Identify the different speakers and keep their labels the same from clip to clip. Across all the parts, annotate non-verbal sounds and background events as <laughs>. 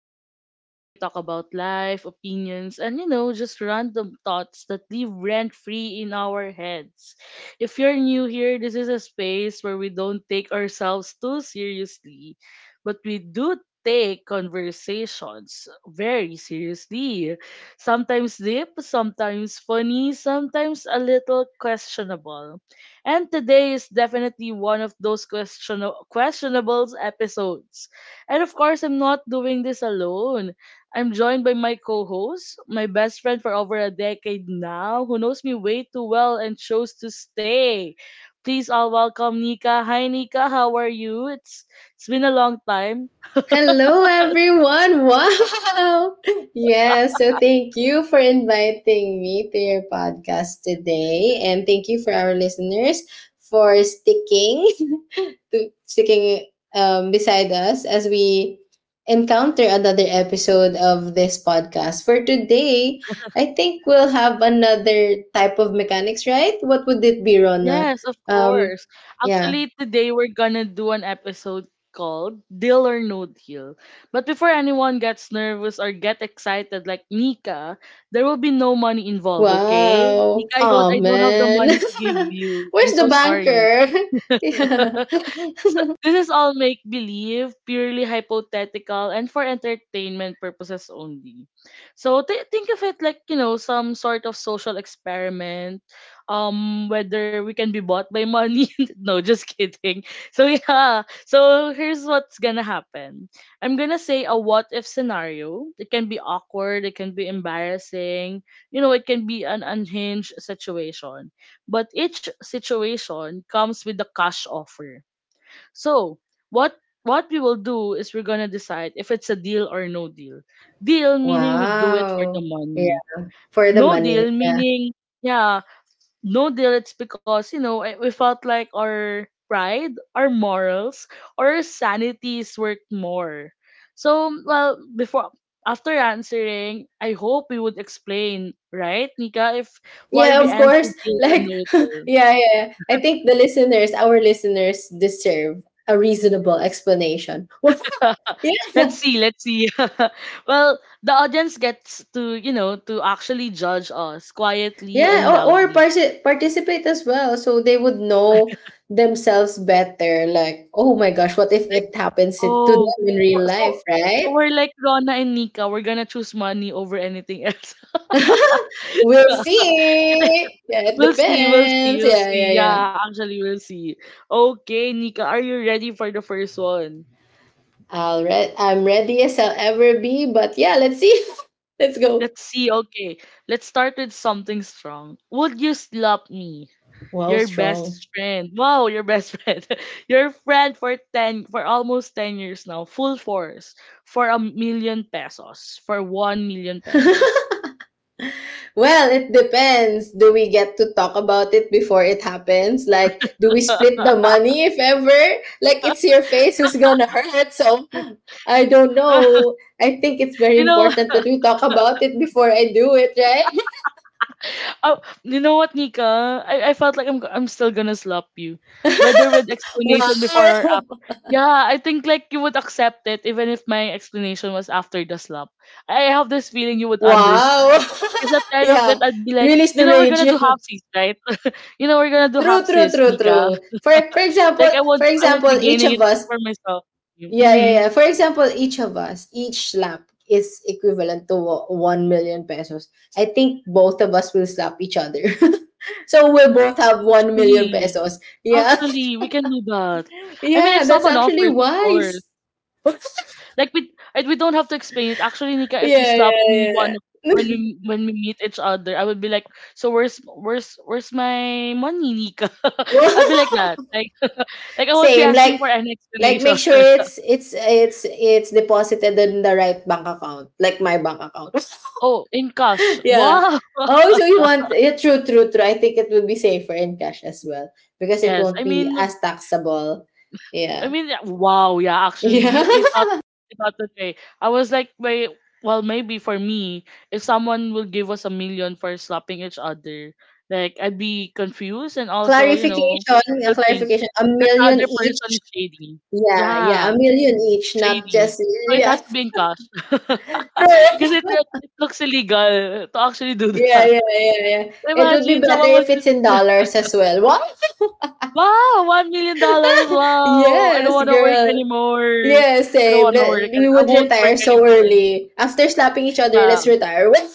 Speaker 1: podcast where we talk about life, opinions, and just random thoughts that live rent free in our heads. If you're new here, this is a space where we don't take ourselves too seriously, but we do take conversations very seriously. Sometimes deep, sometimes funny, sometimes a little questionable. And today is definitely one of those questionable episodes. And of course, I'm not doing this alone. I'm joined by my co-host, my best friend for over a decade now, who knows me way too well and chose to stay. Please all welcome Nika. Hi Nika, how are you? It's been a long time.
Speaker 2: Hello, everyone. <laughs> Wow. Yeah. So, thank you for inviting me to your podcast today. And thank you for our listeners for sticking <laughs> to sticking beside us as we encounter another episode of this podcast. For today, I think we'll have another type of mechanics, right? What would it be, Rona?
Speaker 1: Yes, of
Speaker 2: Um,
Speaker 1: course.
Speaker 2: yeah.
Speaker 1: Actually, today we're gonna do an episode called Deal or No Deal. But before anyone gets nervous or get excited like Nika, there will be no money involved, okay?
Speaker 2: Wow.
Speaker 1: Nika, I don't
Speaker 2: Oh
Speaker 1: I don't have the
Speaker 2: man.
Speaker 1: money to give you.
Speaker 2: <laughs>
Speaker 1: I'm
Speaker 2: Where's
Speaker 1: so
Speaker 2: the
Speaker 1: sorry. <laughs>
Speaker 2: banker? <laughs> yeah.
Speaker 1: So,
Speaker 2: <laughs>
Speaker 1: this is all make believe, purely hypothetical, and for entertainment purposes only. So think of it like some sort of social experiment, whether we can be bought by money. <laughs> No, just kidding. So yeah, so here's what's gonna happen. I'm gonna say a what if scenario. It can be awkward. It can be embarrassing. It can be an unhinged situation. But each situation comes with a cash offer, so what what we will do is we're gonna decide if it's a deal or no deal. Deal meaning we do it for the
Speaker 2: Wow. Yeah,
Speaker 1: money.
Speaker 2: for the
Speaker 1: No
Speaker 2: money.
Speaker 1: deal
Speaker 2: Yeah.
Speaker 1: meaning yeah, no deal, it's because we felt like our pride, our morals, or our sanities worth more. So well before after answering, I hope we would explain, right, Nika, if why
Speaker 2: Yeah,
Speaker 1: we
Speaker 2: of course.
Speaker 1: answer deal or
Speaker 2: Like
Speaker 1: no
Speaker 2: <laughs>
Speaker 1: deal.
Speaker 2: yeah, yeah. I think the listeners, our listeners deserve a reasonable explanation. <laughs> yeah.
Speaker 1: <laughs> Let's see, let's see. <laughs> Well, the audience gets to actually judge us quietly
Speaker 2: Yeah,
Speaker 1: and
Speaker 2: or
Speaker 1: loudly.
Speaker 2: parti- participate as well so they would know themselves better, like, oh my gosh, what if
Speaker 1: Like,
Speaker 2: it happens to them
Speaker 1: oh,
Speaker 2: in real
Speaker 1: we're- so
Speaker 2: life,
Speaker 1: so
Speaker 2: right?
Speaker 1: we're like Rona and Nika, we're gonna choose money over anything else.
Speaker 2: <laughs>
Speaker 1: <laughs>
Speaker 2: We'll see. Yeah, it
Speaker 1: We'll see, we'll
Speaker 2: depends.
Speaker 1: see, we'll
Speaker 2: Yeah, yeah,
Speaker 1: see.
Speaker 2: yeah.
Speaker 1: Yeah, actually, we'll see. Okay, Nika, are you ready for the first one?
Speaker 2: I'll re- I'm ready as I'll ever be, but yeah, let's see. <laughs> let's go.
Speaker 1: Let's see. Okay, let's start with something strong. Would you slap me?
Speaker 2: Wow,
Speaker 1: Your
Speaker 2: strong.
Speaker 1: best friend. Wow, your best <laughs> friend. Your friend for 10, for almost 10 years now, full force for a million pesos, for 1 million pesos.
Speaker 2: Well, it depends. Do we get to talk about it before it happens? Like, do we split the money if ever? Like, it's your face who's gonna hurt. So, I don't
Speaker 1: <laughs>
Speaker 2: know. I think it's very
Speaker 1: you know,
Speaker 2: important that we talk about it before I do it, right?
Speaker 1: uh, you know what, Nika? I felt like I'm still gonna slap you, whether with
Speaker 2: <laughs>
Speaker 1: explanation before or after.
Speaker 2: wow.
Speaker 1: Yeah, I think like you would accept it even if my explanation was after the slap. I have this feeling you would
Speaker 2: Wow.
Speaker 1: understand. Because at the
Speaker 2: <laughs>
Speaker 1: end of it,
Speaker 2: yeah.
Speaker 1: I'd be like,
Speaker 2: Release the
Speaker 1: we're gonna
Speaker 2: rage.
Speaker 1: do
Speaker 2: <laughs>
Speaker 1: halfsies, right? <laughs> We're gonna do
Speaker 2: True, true,
Speaker 1: halfsies,
Speaker 2: true,
Speaker 1: Nika.
Speaker 2: true. For example,
Speaker 1: Like I
Speaker 2: for
Speaker 1: won't I won't
Speaker 2: example,
Speaker 1: be
Speaker 2: each
Speaker 1: gaining
Speaker 2: of
Speaker 1: it
Speaker 2: us,
Speaker 1: for myself.
Speaker 2: yeah, yeah,
Speaker 1: Mhm.
Speaker 2: yeah. For example, each of us, each slap is equivalent to wo- 1 million pesos. I think both of us will slap each other. <laughs> so we'll both have 1 million
Speaker 1: Actually,
Speaker 2: pesos. Yeah.
Speaker 1: actually, we can do that.
Speaker 2: <laughs>
Speaker 1: I mean, if
Speaker 2: yeah, that's
Speaker 1: someone
Speaker 2: actually
Speaker 1: offers, of course.
Speaker 2: wise.
Speaker 1: Like we don't have to explain it. Actually, Nika, if you
Speaker 2: Yeah,
Speaker 1: slap me
Speaker 2: yeah,
Speaker 1: when we meet each other, I would be like, so where's my money, Nika? <laughs>
Speaker 2: yeah.
Speaker 1: I'd be like
Speaker 2: <laughs>
Speaker 1: that. Like <laughs> like I won't be
Speaker 2: Same,
Speaker 1: asking for an
Speaker 2: like
Speaker 1: explanation.
Speaker 2: make sure
Speaker 1: <laughs>
Speaker 2: it's deposited in the right bank account, like my bank account.
Speaker 1: Oh, in cash.
Speaker 2: <laughs> yeah.
Speaker 1: Wow.
Speaker 2: Oh, so you want yeah, true, true, true. I think it would be safer in cash as well because it
Speaker 1: Yes. I
Speaker 2: won't
Speaker 1: mean,
Speaker 2: be as taxable.
Speaker 1: I
Speaker 2: Yeah.
Speaker 1: mean,
Speaker 2: <laughs>
Speaker 1: yeah, wow, yeah, actually,
Speaker 2: Yeah.
Speaker 1: you thought that way. I was like, wait, well, maybe for me, if someone will give us a million for slapping each other, like I'd be confused and also,
Speaker 2: Clarification,
Speaker 1: will
Speaker 2: yeah,
Speaker 1: think
Speaker 2: clarification. A
Speaker 1: that the other
Speaker 2: million each.
Speaker 1: person is shady.
Speaker 2: Yeah, yeah,
Speaker 1: Yeah,
Speaker 2: a million each, not
Speaker 1: shady.
Speaker 2: just
Speaker 1: So it has
Speaker 2: yeah.
Speaker 1: to be in
Speaker 2: <laughs>
Speaker 1: cash, <laughs> because
Speaker 2: True.
Speaker 1: it looks illegal to actually do
Speaker 2: Yeah,
Speaker 1: that.
Speaker 2: yeah, yeah, yeah.
Speaker 1: <laughs>
Speaker 2: It would be
Speaker 1: Imagine
Speaker 2: better
Speaker 1: someone will
Speaker 2: if it's
Speaker 1: just.
Speaker 2: in dollars as well. What?
Speaker 1: Wow, $1 million. Wow, I don't
Speaker 2: Yes,
Speaker 1: want to work
Speaker 2: girl.
Speaker 1: anymore.
Speaker 2: Yeah,
Speaker 1: I don't
Speaker 2: same.
Speaker 1: want to work.
Speaker 2: Le-
Speaker 1: I
Speaker 2: We
Speaker 1: I
Speaker 2: would
Speaker 1: won't work
Speaker 2: retire so
Speaker 1: anymore.
Speaker 2: early. After slapping each other,
Speaker 1: Yeah,
Speaker 2: let's retire. <laughs> Well,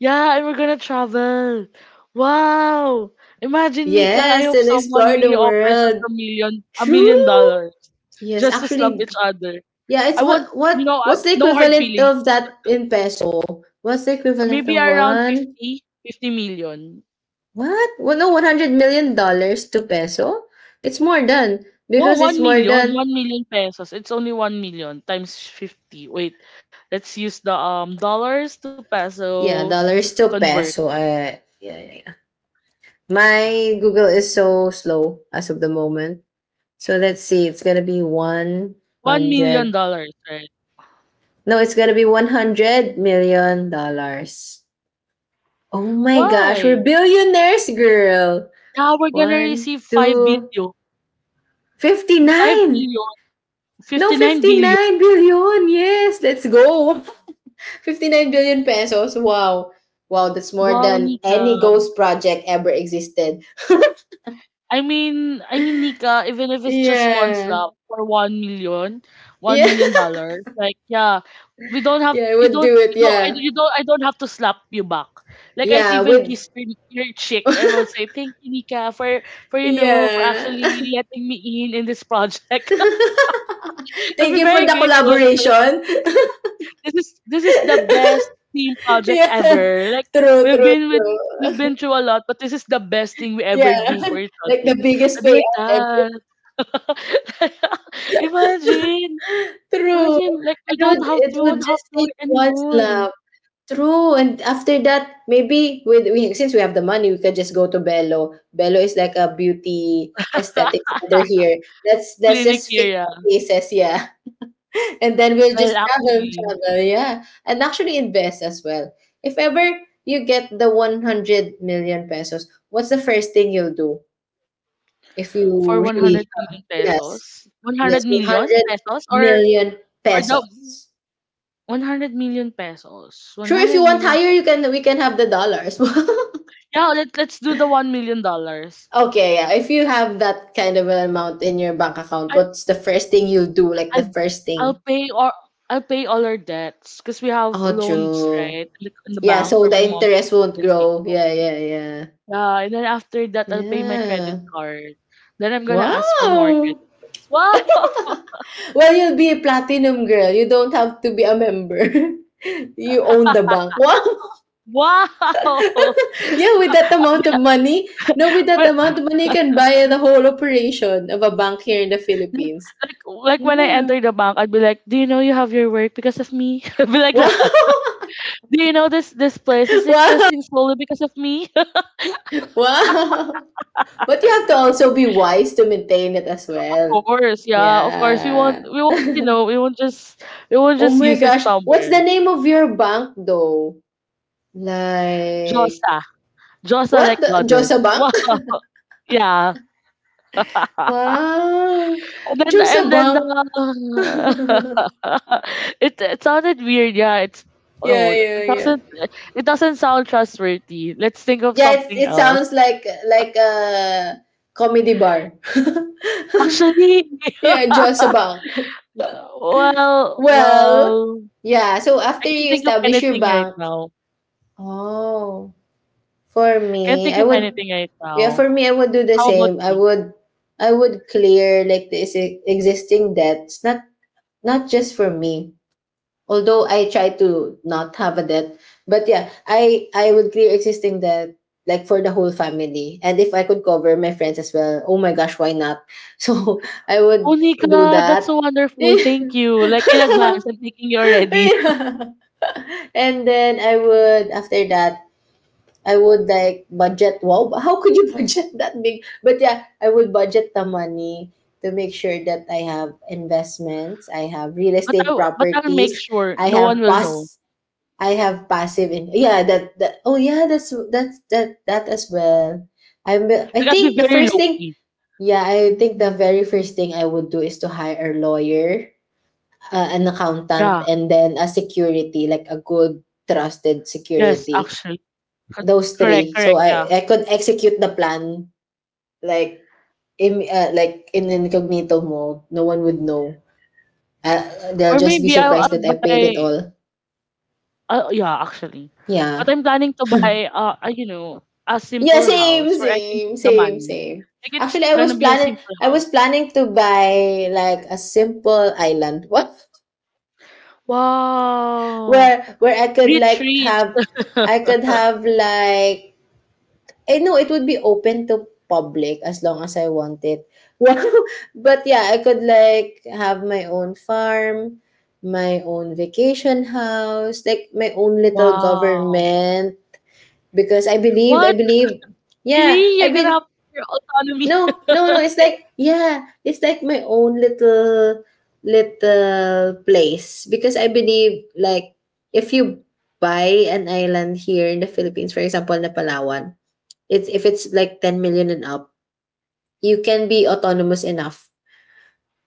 Speaker 1: yeah, and we're gonna travel. Wow, imagine Nika. I
Speaker 2: yes,
Speaker 1: hope
Speaker 2: and
Speaker 1: someone
Speaker 2: explore
Speaker 1: really
Speaker 2: the
Speaker 1: offers us a
Speaker 2: world.
Speaker 1: million, a million
Speaker 2: True.
Speaker 1: dollars,
Speaker 2: Yes,
Speaker 1: just to slap
Speaker 2: actually,
Speaker 1: each other.
Speaker 2: yeah. It's
Speaker 1: I want,
Speaker 2: what
Speaker 1: I,
Speaker 2: what's the
Speaker 1: no hard
Speaker 2: equivalent
Speaker 1: feelings.
Speaker 2: of that in peso? What's the equivalent
Speaker 1: Maybe
Speaker 2: of
Speaker 1: around
Speaker 2: one?
Speaker 1: 50, 50 million.
Speaker 2: What? Well, no, $100 million to peso. It's more than,
Speaker 1: No,
Speaker 2: because it's
Speaker 1: one
Speaker 2: more
Speaker 1: million, one
Speaker 2: than
Speaker 1: million pesos. It's only 1,000,000 times 50. Wait, let's use the dollars to
Speaker 2: yeah,
Speaker 1: peso
Speaker 2: dollars to
Speaker 1: converter.
Speaker 2: peso. Yeah, yeah, yeah.
Speaker 1: Ah,
Speaker 2: My Google is so slow as of the moment. So let's see, it's gonna be
Speaker 1: $1,000,000,
Speaker 2: 100.
Speaker 1: dollars, right?
Speaker 2: No, it's gonna be 100 million dollars. Oh my gosh, we're
Speaker 1: Why?
Speaker 2: billionaires, girl.
Speaker 1: Now we're gonna
Speaker 2: One,
Speaker 1: receive 5
Speaker 2: two,
Speaker 1: billion. 5
Speaker 2: 59.
Speaker 1: billion,
Speaker 2: No,
Speaker 1: 59 billion.
Speaker 2: 59 billion. Yes, let's go. <laughs> 59 billion pesos. Wow. Wow, that's more
Speaker 1: Wow,
Speaker 2: than
Speaker 1: Nika.
Speaker 2: any ghost project ever existed.
Speaker 1: I mean, Nika, even if it's just one
Speaker 2: Yeah.
Speaker 1: slap for 1 million, one
Speaker 2: Yeah.
Speaker 1: million
Speaker 2: <laughs>
Speaker 1: dollars, like yeah, we don't have
Speaker 2: Yeah, I would do it. Yeah.
Speaker 1: you don't I don't have to slap you back. Like I'd
Speaker 2: Yeah,
Speaker 1: even
Speaker 2: with.
Speaker 1: kiss your cheek. I will say thank you, Nika, for you know for
Speaker 2: Yeah.
Speaker 1: actually letting me in this project. <laughs>
Speaker 2: <laughs>
Speaker 1: I'll
Speaker 2: Thank
Speaker 1: be
Speaker 2: you for
Speaker 1: very
Speaker 2: the
Speaker 1: grateful. <laughs>
Speaker 2: collaboration. <laughs>
Speaker 1: This is the best team project
Speaker 2: Yeah.
Speaker 1: ever. Like
Speaker 2: True,
Speaker 1: we've
Speaker 2: true,
Speaker 1: been with. We've
Speaker 2: true.
Speaker 1: been
Speaker 2: <laughs>
Speaker 1: through a lot, but this is the best thing we
Speaker 2: Yeah.
Speaker 1: ever do for
Speaker 2: <laughs>
Speaker 1: each
Speaker 2: Like
Speaker 1: other.
Speaker 2: the biggest
Speaker 1: I'd be like
Speaker 2: payout ever.
Speaker 1: that. <laughs> Imagine,
Speaker 2: True.
Speaker 1: imagine like we
Speaker 2: And
Speaker 1: don't have to,
Speaker 2: it
Speaker 1: we
Speaker 2: would
Speaker 1: won't have
Speaker 2: just
Speaker 1: to
Speaker 2: take
Speaker 1: work
Speaker 2: one's
Speaker 1: anymore.
Speaker 2: love. True. And after that, maybe with we, since we have the money, we could just go to Bello. Bello is like a beauty aesthetic center here. That's
Speaker 1: Clinic
Speaker 2: just fix
Speaker 1: area.
Speaker 2: our faces, yeah. And then we'll
Speaker 1: Well,
Speaker 2: just travel,
Speaker 1: actually,
Speaker 2: travel, yeah, and actually invest as well. If ever you get the 100 million pesos, what's the first thing you'll do if you
Speaker 1: for
Speaker 2: really,
Speaker 1: 100 million
Speaker 2: yes,
Speaker 1: pesos,
Speaker 2: yes,
Speaker 1: 100 million
Speaker 2: 100
Speaker 1: pesos, or
Speaker 2: million
Speaker 1: or the
Speaker 2: pesos?
Speaker 1: 100 million pesos,
Speaker 2: Sure, if you
Speaker 1: 100
Speaker 2: want
Speaker 1: million.
Speaker 2: higher,
Speaker 1: Pesos.
Speaker 2: you can, we can have the dollars. <laughs>
Speaker 1: Yeah, let's do the $1 million.
Speaker 2: Okay, yeah. If you have that kind of an amount in your bank account,
Speaker 1: I
Speaker 2: what's the first thing you'll do? Like the
Speaker 1: I
Speaker 2: first
Speaker 1: I'll
Speaker 2: thing.
Speaker 1: pay or I'll pay all our debts because we have
Speaker 2: Oh,
Speaker 1: loans
Speaker 2: true.
Speaker 1: right in the
Speaker 2: Yeah,
Speaker 1: bank
Speaker 2: so
Speaker 1: for my
Speaker 2: the
Speaker 1: mom's
Speaker 2: interest won't
Speaker 1: hospitalization.
Speaker 2: grow. Yeah, yeah, yeah.
Speaker 1: Yeah, and then after that, I'll pay my credit
Speaker 2: Yeah.
Speaker 1: card. Then I'm gonna ask for more
Speaker 2: Wow!
Speaker 1: credit cards. Wow! <laughs>
Speaker 2: Well, you'll be a platinum girl. You don't have to be a member. <laughs> you own the bank. Wow! <laughs>
Speaker 1: Wow! <laughs>
Speaker 2: Yeah, with that amount of
Speaker 1: Yeah,
Speaker 2: money, no, with that
Speaker 1: but
Speaker 2: amount of money, you can buy the whole operation of a bank here in the
Speaker 1: like,
Speaker 2: Philippines.
Speaker 1: like when I
Speaker 2: Yeah.
Speaker 1: enter the bank, I'd be like, "Do you know you have your work because of me?" <laughs> I'd be like that.
Speaker 2: Wow! <laughs>
Speaker 1: Do you know this place is
Speaker 2: wow!
Speaker 1: existing slowly because of me? <laughs>
Speaker 2: Wow! But you have to also be wise to maintain it as
Speaker 1: Of
Speaker 2: well.
Speaker 1: course, yeah, of course. We want
Speaker 2: Yeah.
Speaker 1: we
Speaker 2: <laughs>
Speaker 1: want
Speaker 2: oh
Speaker 1: we won't just
Speaker 2: my
Speaker 1: use it
Speaker 2: gosh. What's the
Speaker 1: somewhere.
Speaker 2: name of your bank though? Like,
Speaker 1: Josa, Josa
Speaker 2: what?
Speaker 1: like
Speaker 2: The
Speaker 1: goddess. <laughs>
Speaker 2: Josa Bank?
Speaker 1: Wow, yeah. <laughs>
Speaker 2: Wow.
Speaker 1: And then
Speaker 2: Josabang.
Speaker 1: the <laughs> it sounded weird, yeah. It's Oh,
Speaker 2: Yeah,
Speaker 1: it
Speaker 2: yeah, yeah.
Speaker 1: doesn't it doesn't sound trustworthy. Let's think of
Speaker 2: Yeah, it,
Speaker 1: something
Speaker 2: it
Speaker 1: else.
Speaker 2: sounds like a comedy bar. <laughs>
Speaker 1: Actually
Speaker 2: yeah,
Speaker 1: <laughs>
Speaker 2: Josabang. <laughs>
Speaker 1: well
Speaker 2: Well,
Speaker 1: well
Speaker 2: yeah, so
Speaker 1: I
Speaker 2: after
Speaker 1: can't
Speaker 2: you
Speaker 1: think of
Speaker 2: establish your
Speaker 1: anything right
Speaker 2: bank,
Speaker 1: now.
Speaker 2: oh, for
Speaker 1: Can't
Speaker 2: me,
Speaker 1: think
Speaker 2: I
Speaker 1: of
Speaker 2: would
Speaker 1: anything right
Speaker 2: yeah,
Speaker 1: now.
Speaker 2: for me I would do the
Speaker 1: How about
Speaker 2: same. I
Speaker 1: you?
Speaker 2: would I would clear like the exi- existing debts, not not just for me. Although I try to not have a debt. But yeah, I would clear existing debt like for the whole family. And if I could cover my friends as well, oh my gosh, why not? <laughs> So I
Speaker 1: Oh
Speaker 2: would do
Speaker 1: Nika, that's
Speaker 2: that.
Speaker 1: so wonderful. Thank you. Like in
Speaker 2: <laughs>
Speaker 1: advance, I'm thanking you already. <laughs>
Speaker 2: Yeah. <laughs> And then I would, after that, I would like budget. Wow, but how could you <laughs> budget that big? But yeah, I would budget the money to make sure that I have investments, I have real
Speaker 1: But I
Speaker 2: estate
Speaker 1: will- but I'll make
Speaker 2: properties,
Speaker 1: sure
Speaker 2: I
Speaker 1: no one
Speaker 2: have
Speaker 1: will know.
Speaker 2: pass, I have passive in. Yeah, that that. Oh yeah, that's that that as well. I'm. I
Speaker 1: Like I'll be
Speaker 2: think the
Speaker 1: very
Speaker 2: first
Speaker 1: low
Speaker 2: thing.
Speaker 1: key.
Speaker 2: Yeah, I think the very first thing I would do is to hire a lawyer, an accountant,
Speaker 1: Yeah.
Speaker 2: and then a security, like a good trusted
Speaker 1: Yes,
Speaker 2: security,
Speaker 1: actually. Co
Speaker 2: those
Speaker 1: correct,
Speaker 2: three. So
Speaker 1: correct, yeah.
Speaker 2: I could execute the plan like like in incognito mode. No one would know. They'll
Speaker 1: Or
Speaker 2: just be
Speaker 1: maybe I'll
Speaker 2: surprised
Speaker 1: I'll
Speaker 2: that I paid it
Speaker 1: buy
Speaker 2: all.
Speaker 1: yeah, actually. But
Speaker 2: Yeah.
Speaker 1: I'm planning to buy a
Speaker 2: Yeah,
Speaker 1: simple
Speaker 2: same,
Speaker 1: house where I can
Speaker 2: same,
Speaker 1: keep the
Speaker 2: same,
Speaker 1: money.
Speaker 2: same.
Speaker 1: Like
Speaker 2: Actually,
Speaker 1: it's
Speaker 2: I was
Speaker 1: gonna be a
Speaker 2: planning
Speaker 1: simple
Speaker 2: I
Speaker 1: house.
Speaker 2: was planning to buy like a simple island. <laughs> What?
Speaker 1: Wow.
Speaker 2: Where I could
Speaker 1: Rich,
Speaker 2: like
Speaker 1: rich.
Speaker 2: have I
Speaker 1: <laughs>
Speaker 2: could have like Eh, no, it would be open to public as long as I want it. <laughs> Wow! But yeah, I could like have my own farm, my own vacation house, like my own little
Speaker 1: Wow.
Speaker 2: government because I believe I
Speaker 1: What?
Speaker 2: believe yeah,
Speaker 1: Really?
Speaker 2: I
Speaker 1: You're gonna
Speaker 2: be
Speaker 1: have your autonomy.
Speaker 2: no, no, no,
Speaker 1: <laughs>
Speaker 2: it's like yeah, it's like my own little little place because I believe like if you buy an island here in the Philippines, for example, na Palawan. It's if it's like 10 million and up, you can be autonomous enough.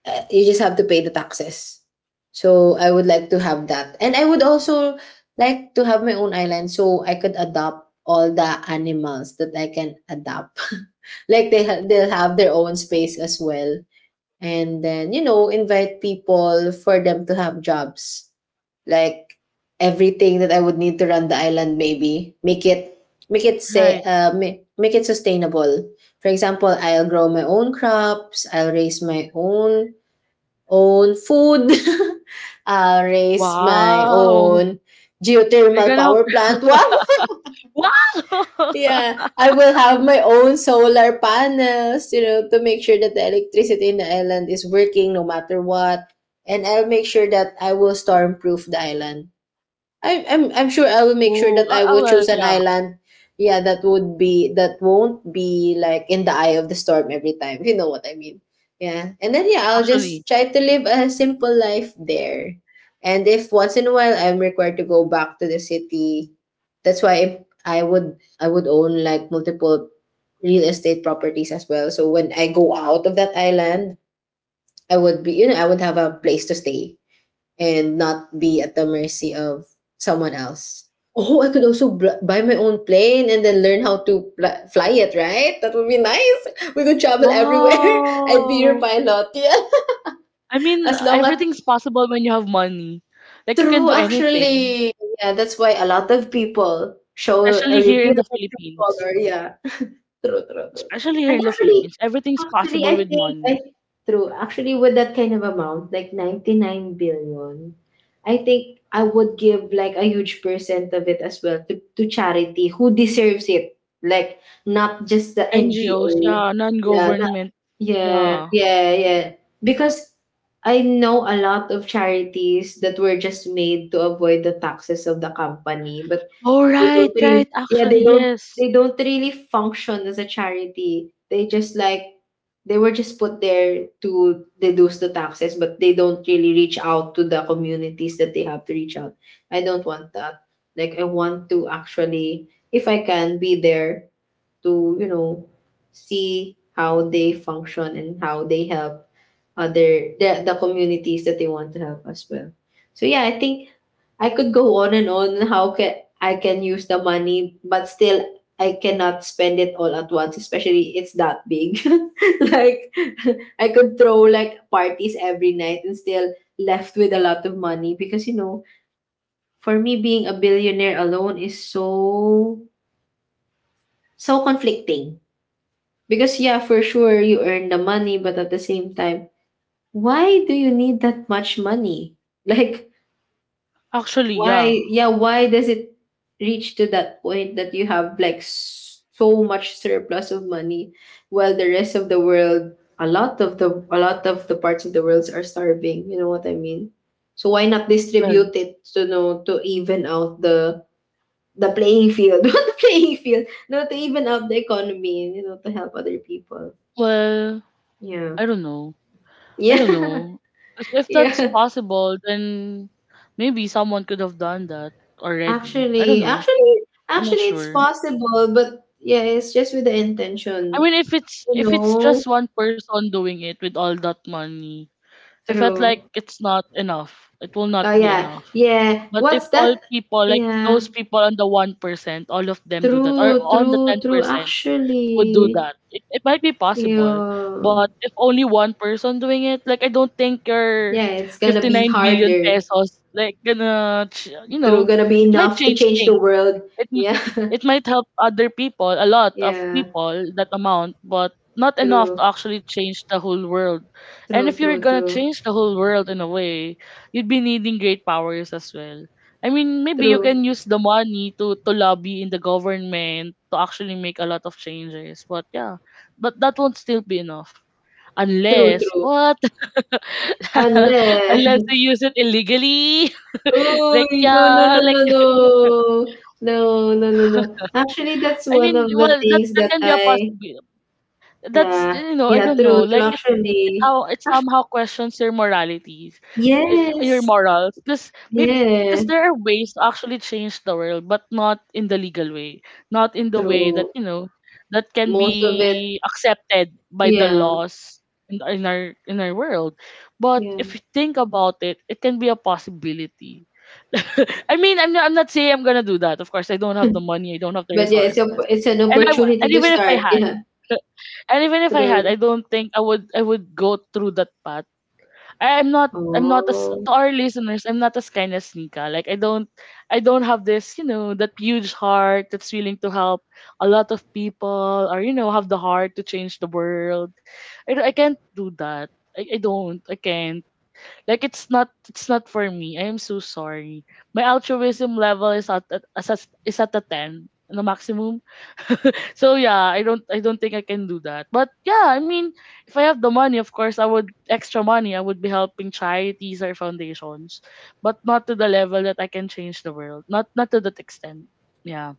Speaker 2: You just have to pay the taxes. So I would like to have that. And I would also like to have my own island so I could adopt all the animals that I can adopt. <laughs> like they ha- they'll have their own space as well. And then you know invite people for them to have jobs, like everything that I would need to run the island, maybe make it say
Speaker 1: Right.
Speaker 2: make it sustainable. For example, I'll grow my own crops, I'll raise my own own food, <laughs> I'll raise my
Speaker 1: Wow.
Speaker 2: own
Speaker 1: You're
Speaker 2: geothermal
Speaker 1: gonna have.
Speaker 2: power plant, wow.
Speaker 1: <laughs> Wow.
Speaker 2: Yeah,
Speaker 1: <laughs>
Speaker 2: I will have my own solar panels, you know, to make sure that the electricity in the island is working no matter what. And I'll make sure that I will storm proof the island. I'm sure I will make sure
Speaker 1: Oh,
Speaker 2: that
Speaker 1: I,
Speaker 2: I
Speaker 1: I,
Speaker 2: will
Speaker 1: well,
Speaker 2: choose an
Speaker 1: yeah,
Speaker 2: island. Yeah, that would be that won't be like in the eye of the storm every time. <laughs> You know what I mean? Yeah, and then yeah, I'll
Speaker 1: actually.
Speaker 2: just try to live a simple life there. And if once in a while I'm required to go back to the city, that's why I would own like multiple real estate properties as well. So when I go out of that island, I would be you know I would have a place to stay and not be at the mercy of someone else. Oh, I could also bl- buy my own plane and then learn how to pl- fly it, right? That would be nice. We could travel everywhere. <laughs> I'd be your
Speaker 1: Wow.
Speaker 2: pilot. Yeah.
Speaker 1: I
Speaker 2: <laughs>
Speaker 1: mean,
Speaker 2: As long as
Speaker 1: everything's possible when you have money. Like you can
Speaker 2: true
Speaker 1: do anything,
Speaker 2: actually. Yeah, that's why a lot of people show a
Speaker 1: especially here in
Speaker 2: reveal
Speaker 1: the
Speaker 2: their true
Speaker 1: Philippines.
Speaker 2: color. Yeah. <laughs> true, true, true.
Speaker 1: Especially here
Speaker 2: And
Speaker 1: in the
Speaker 2: actually,
Speaker 1: Philippines, everything's
Speaker 2: actually,
Speaker 1: possible
Speaker 2: I
Speaker 1: with
Speaker 2: think I
Speaker 1: money.
Speaker 2: true. Actually, with that kind of amount, like 99 billion, I think I would give like a huge percent of it as well to charity who deserves it. Like not just the
Speaker 1: NGOs,
Speaker 2: NGO.
Speaker 1: yeah,
Speaker 2: Yeah, not,
Speaker 1: non-government,
Speaker 2: yeah,
Speaker 1: yeah.
Speaker 2: yeah, yeah. Because I know a lot of charities that were just made to avoid the taxes of the company, but
Speaker 1: Oh
Speaker 2: they
Speaker 1: right,
Speaker 2: don't really,
Speaker 1: right.
Speaker 2: yeah,
Speaker 1: Actually,
Speaker 2: they don't
Speaker 1: yes.
Speaker 2: they don't really function as a charity. They just like they were just put there to deduce the taxes, but they don't really reach out to the communities that they have to reach out. I don't want that. Like I want to actually, if I can, be there to you know see how they function and how they help other the communities that they want to help as well. So yeah, I think I could go on and on how can I can use the money, but still I cannot spend it all at once, especially it's that big. <laughs> like <laughs> I could throw like parties every night and still left with a lot of money because you know, for me being a billionaire alone is so conflicting. Because yeah, for sure you earn the money, but at the same time, why do you need that much money? <laughs> Like
Speaker 1: Actually,
Speaker 2: why,
Speaker 1: yeah.
Speaker 2: yeah, why does it reach to that point that you have like so much surplus of money while the rest of the world, a lot of the parts of the world are starving, you know what I mean? So why not
Speaker 1: Well,
Speaker 2: distribute it to know to even out the playing field, <laughs> not the playing field, no, to even out the economy, you know, to help other people.
Speaker 1: well,
Speaker 2: Yeah.
Speaker 1: I don't know. I don't
Speaker 2: Yeah.
Speaker 1: know. If
Speaker 2: <laughs>
Speaker 1: if that's
Speaker 2: Yeah.
Speaker 1: possible, then maybe someone could have done that already. I don't
Speaker 2: Actually,
Speaker 1: know.
Speaker 2: actually,
Speaker 1: I'm not
Speaker 2: actually it's
Speaker 1: sure.
Speaker 2: possible, but yeah, it's just with the
Speaker 1: I
Speaker 2: intention.
Speaker 1: mean, if it's
Speaker 2: No,
Speaker 1: just one person doing it with all that money, I felt like
Speaker 2: true.
Speaker 1: it's not enough. It will
Speaker 2: Oh
Speaker 1: not be
Speaker 2: yeah,
Speaker 1: enough.
Speaker 2: yeah.
Speaker 1: But if
Speaker 2: What's
Speaker 1: all
Speaker 2: that?
Speaker 1: people, like
Speaker 2: Yeah,
Speaker 1: those people on the 1%, all of them do that, or on the ten
Speaker 2: true.
Speaker 1: percent would do
Speaker 2: Actually,
Speaker 1: that, it might be possible.
Speaker 2: yeah,
Speaker 1: But if only one person doing it, like I don't think your
Speaker 2: yeah. It's gonna
Speaker 1: fifty
Speaker 2: be
Speaker 1: nine billion
Speaker 2: harder.
Speaker 1: pesos, like gonna,
Speaker 2: True, gonna be
Speaker 1: it might
Speaker 2: enough to
Speaker 1: change
Speaker 2: change the
Speaker 1: things,
Speaker 2: world.
Speaker 1: it m-
Speaker 2: Yeah,
Speaker 1: it might help other people, a lot
Speaker 2: <laughs>
Speaker 1: of
Speaker 2: yeah.
Speaker 1: people, that amount, but not enough to
Speaker 2: True,
Speaker 1: actually change the whole world. And
Speaker 2: true,
Speaker 1: if you're
Speaker 2: true,
Speaker 1: gonna
Speaker 2: true,
Speaker 1: change the whole world in a way, you'd be needing great powers as well. I mean, maybe you
Speaker 2: true,
Speaker 1: can use the money to lobby in the government to actually make a lot of changes. But yeah, but that won't still be enough unless
Speaker 2: true.
Speaker 1: what <laughs>
Speaker 2: Unless,
Speaker 1: unless you
Speaker 2: <laughs>
Speaker 1: use it illegally <laughs>
Speaker 2: oh
Speaker 1: like yeah like <laughs>
Speaker 2: no, no. Actually, that's
Speaker 1: I
Speaker 2: one
Speaker 1: mean,
Speaker 2: of the
Speaker 1: well, that
Speaker 2: things
Speaker 1: that
Speaker 2: that
Speaker 1: can be a
Speaker 2: I.
Speaker 1: possibility. That's
Speaker 2: Yeah,
Speaker 1: I
Speaker 2: yeah,
Speaker 1: don't know,
Speaker 2: true,
Speaker 1: like it
Speaker 2: actually.
Speaker 1: how it somehow questions your moralities, your
Speaker 2: Yes,
Speaker 1: morals because
Speaker 2: yeah,
Speaker 1: because there are ways to actually change the world, but not in the legal way, not in the way
Speaker 2: true.
Speaker 1: that you know that can
Speaker 2: Most of it,
Speaker 1: be accepted by the
Speaker 2: yeah,
Speaker 1: laws in our world. But if
Speaker 2: yeah.
Speaker 1: you think about it, can be a possibility. <laughs> I mean, I'm not saying I'm gonna do that. Of course, I don't have the money, I don't have the
Speaker 2: But yeah, it's
Speaker 1: resources,
Speaker 2: it's an
Speaker 1: and I w-
Speaker 2: opportunity
Speaker 1: and
Speaker 2: to
Speaker 1: even if I
Speaker 2: start. <laughs>
Speaker 1: had.
Speaker 2: Yeah,
Speaker 1: And even if I had,
Speaker 2: true.
Speaker 1: I don't think I would go through that path. I, am not I'm not as,
Speaker 2: Oh,
Speaker 1: to our listeners, I'm not as kind as Nika. Like I don't have that huge heart that's willing to help a lot of people or have the heart to change the world. I can't do that. I don't. I can't. Like it's not for me. I am so sorry. My altruism level is at is at is at a ten, the maximum. So yeah, I don't think I can do that. But yeah, I mean, if I have the money, of course, I would extra money, I would be helping charities or foundations, but not to the level that I can change the world. Not to that extent. Yeah.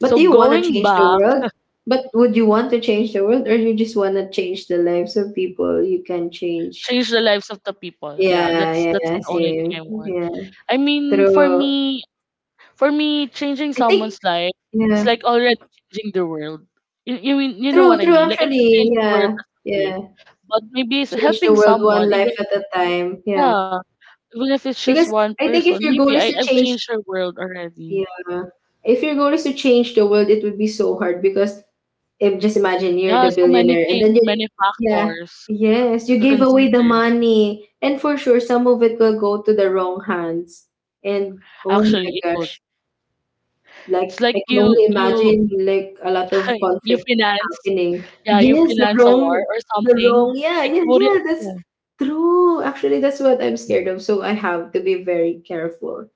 Speaker 2: but
Speaker 1: So
Speaker 2: do you want to
Speaker 1: going
Speaker 2: change the
Speaker 1: back,
Speaker 2: world? But would you want to change the world, or you just want to change the lives of people? You can change.
Speaker 1: change the lives of the people. Yeah, that's
Speaker 2: Yeah,
Speaker 1: that's
Speaker 2: yeah,
Speaker 1: the only thing
Speaker 2: same.
Speaker 1: I want.
Speaker 2: Yeah,
Speaker 1: I mean, for
Speaker 2: true.
Speaker 1: me, for me, changing
Speaker 2: I think.
Speaker 1: someone's life
Speaker 2: Yeah,
Speaker 1: is like already changing the world. You know what I
Speaker 2: true.
Speaker 1: mean? Like I can
Speaker 2: Actually,
Speaker 1: change the world
Speaker 2: yeah,
Speaker 1: as a will,
Speaker 2: yeah.
Speaker 1: but maybe
Speaker 2: Change the
Speaker 1: helping
Speaker 2: world one
Speaker 1: someone,
Speaker 2: life
Speaker 1: even.
Speaker 2: at a time. Yeah.
Speaker 1: Yeah, even if it's just
Speaker 2: Because
Speaker 1: one
Speaker 2: I think if
Speaker 1: person,
Speaker 2: your goal
Speaker 1: maybe
Speaker 2: is
Speaker 1: I,
Speaker 2: to
Speaker 1: I've
Speaker 2: change
Speaker 1: changed her world
Speaker 2: yeah.
Speaker 1: already.
Speaker 2: If your goal is to change the world, it would be so hard because if just imagine you're
Speaker 1: Yeah,
Speaker 2: the
Speaker 1: so many
Speaker 2: billionaire and
Speaker 1: things,
Speaker 2: then
Speaker 1: so
Speaker 2: you
Speaker 1: many
Speaker 2: yeah.
Speaker 1: factors
Speaker 2: Yes, you
Speaker 1: to
Speaker 2: gave away the
Speaker 1: consider.
Speaker 2: money. And for sure some of it will go to the wrong hands. And oh my
Speaker 1: Actually, it would.
Speaker 2: gosh. Like
Speaker 1: It's like
Speaker 2: I can only
Speaker 1: you
Speaker 2: imagine like a lot of
Speaker 1: <laughs> you
Speaker 2: conflict
Speaker 1: finance,
Speaker 2: happening.
Speaker 1: yeah, you
Speaker 2: Yes,
Speaker 1: finance a war or
Speaker 2: the
Speaker 1: something.
Speaker 2: wrong. Yeah,
Speaker 1: Like
Speaker 2: yeah,
Speaker 1: you wouldn't
Speaker 2: yeah. That's
Speaker 1: know.
Speaker 2: true. Actually, that's what I'm scared of. So I have to be very careful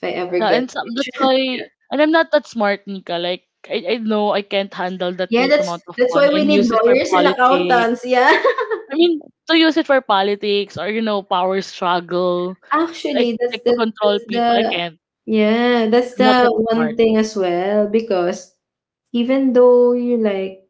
Speaker 2: if I ever
Speaker 1: Yeah,
Speaker 2: get rich.
Speaker 1: that's
Speaker 2: <laughs> Yeah.
Speaker 1: why. And I'm not that smart, Nika. Like I know I can't handle that
Speaker 2: Yeah,
Speaker 1: huge
Speaker 2: that's
Speaker 1: amount of
Speaker 2: that's why
Speaker 1: money
Speaker 2: we
Speaker 1: and
Speaker 2: need
Speaker 1: use it for
Speaker 2: lawyers and
Speaker 1: politics.
Speaker 2: accountants. Yeah. <laughs>
Speaker 1: I mean, to use it for politics or power struggle like
Speaker 2: Actually,
Speaker 1: like to control
Speaker 2: that's
Speaker 1: people. I
Speaker 2: the
Speaker 1: can't.
Speaker 2: yeah, that's
Speaker 1: I'm not
Speaker 2: the
Speaker 1: that smart.
Speaker 2: one thing as well because even though you like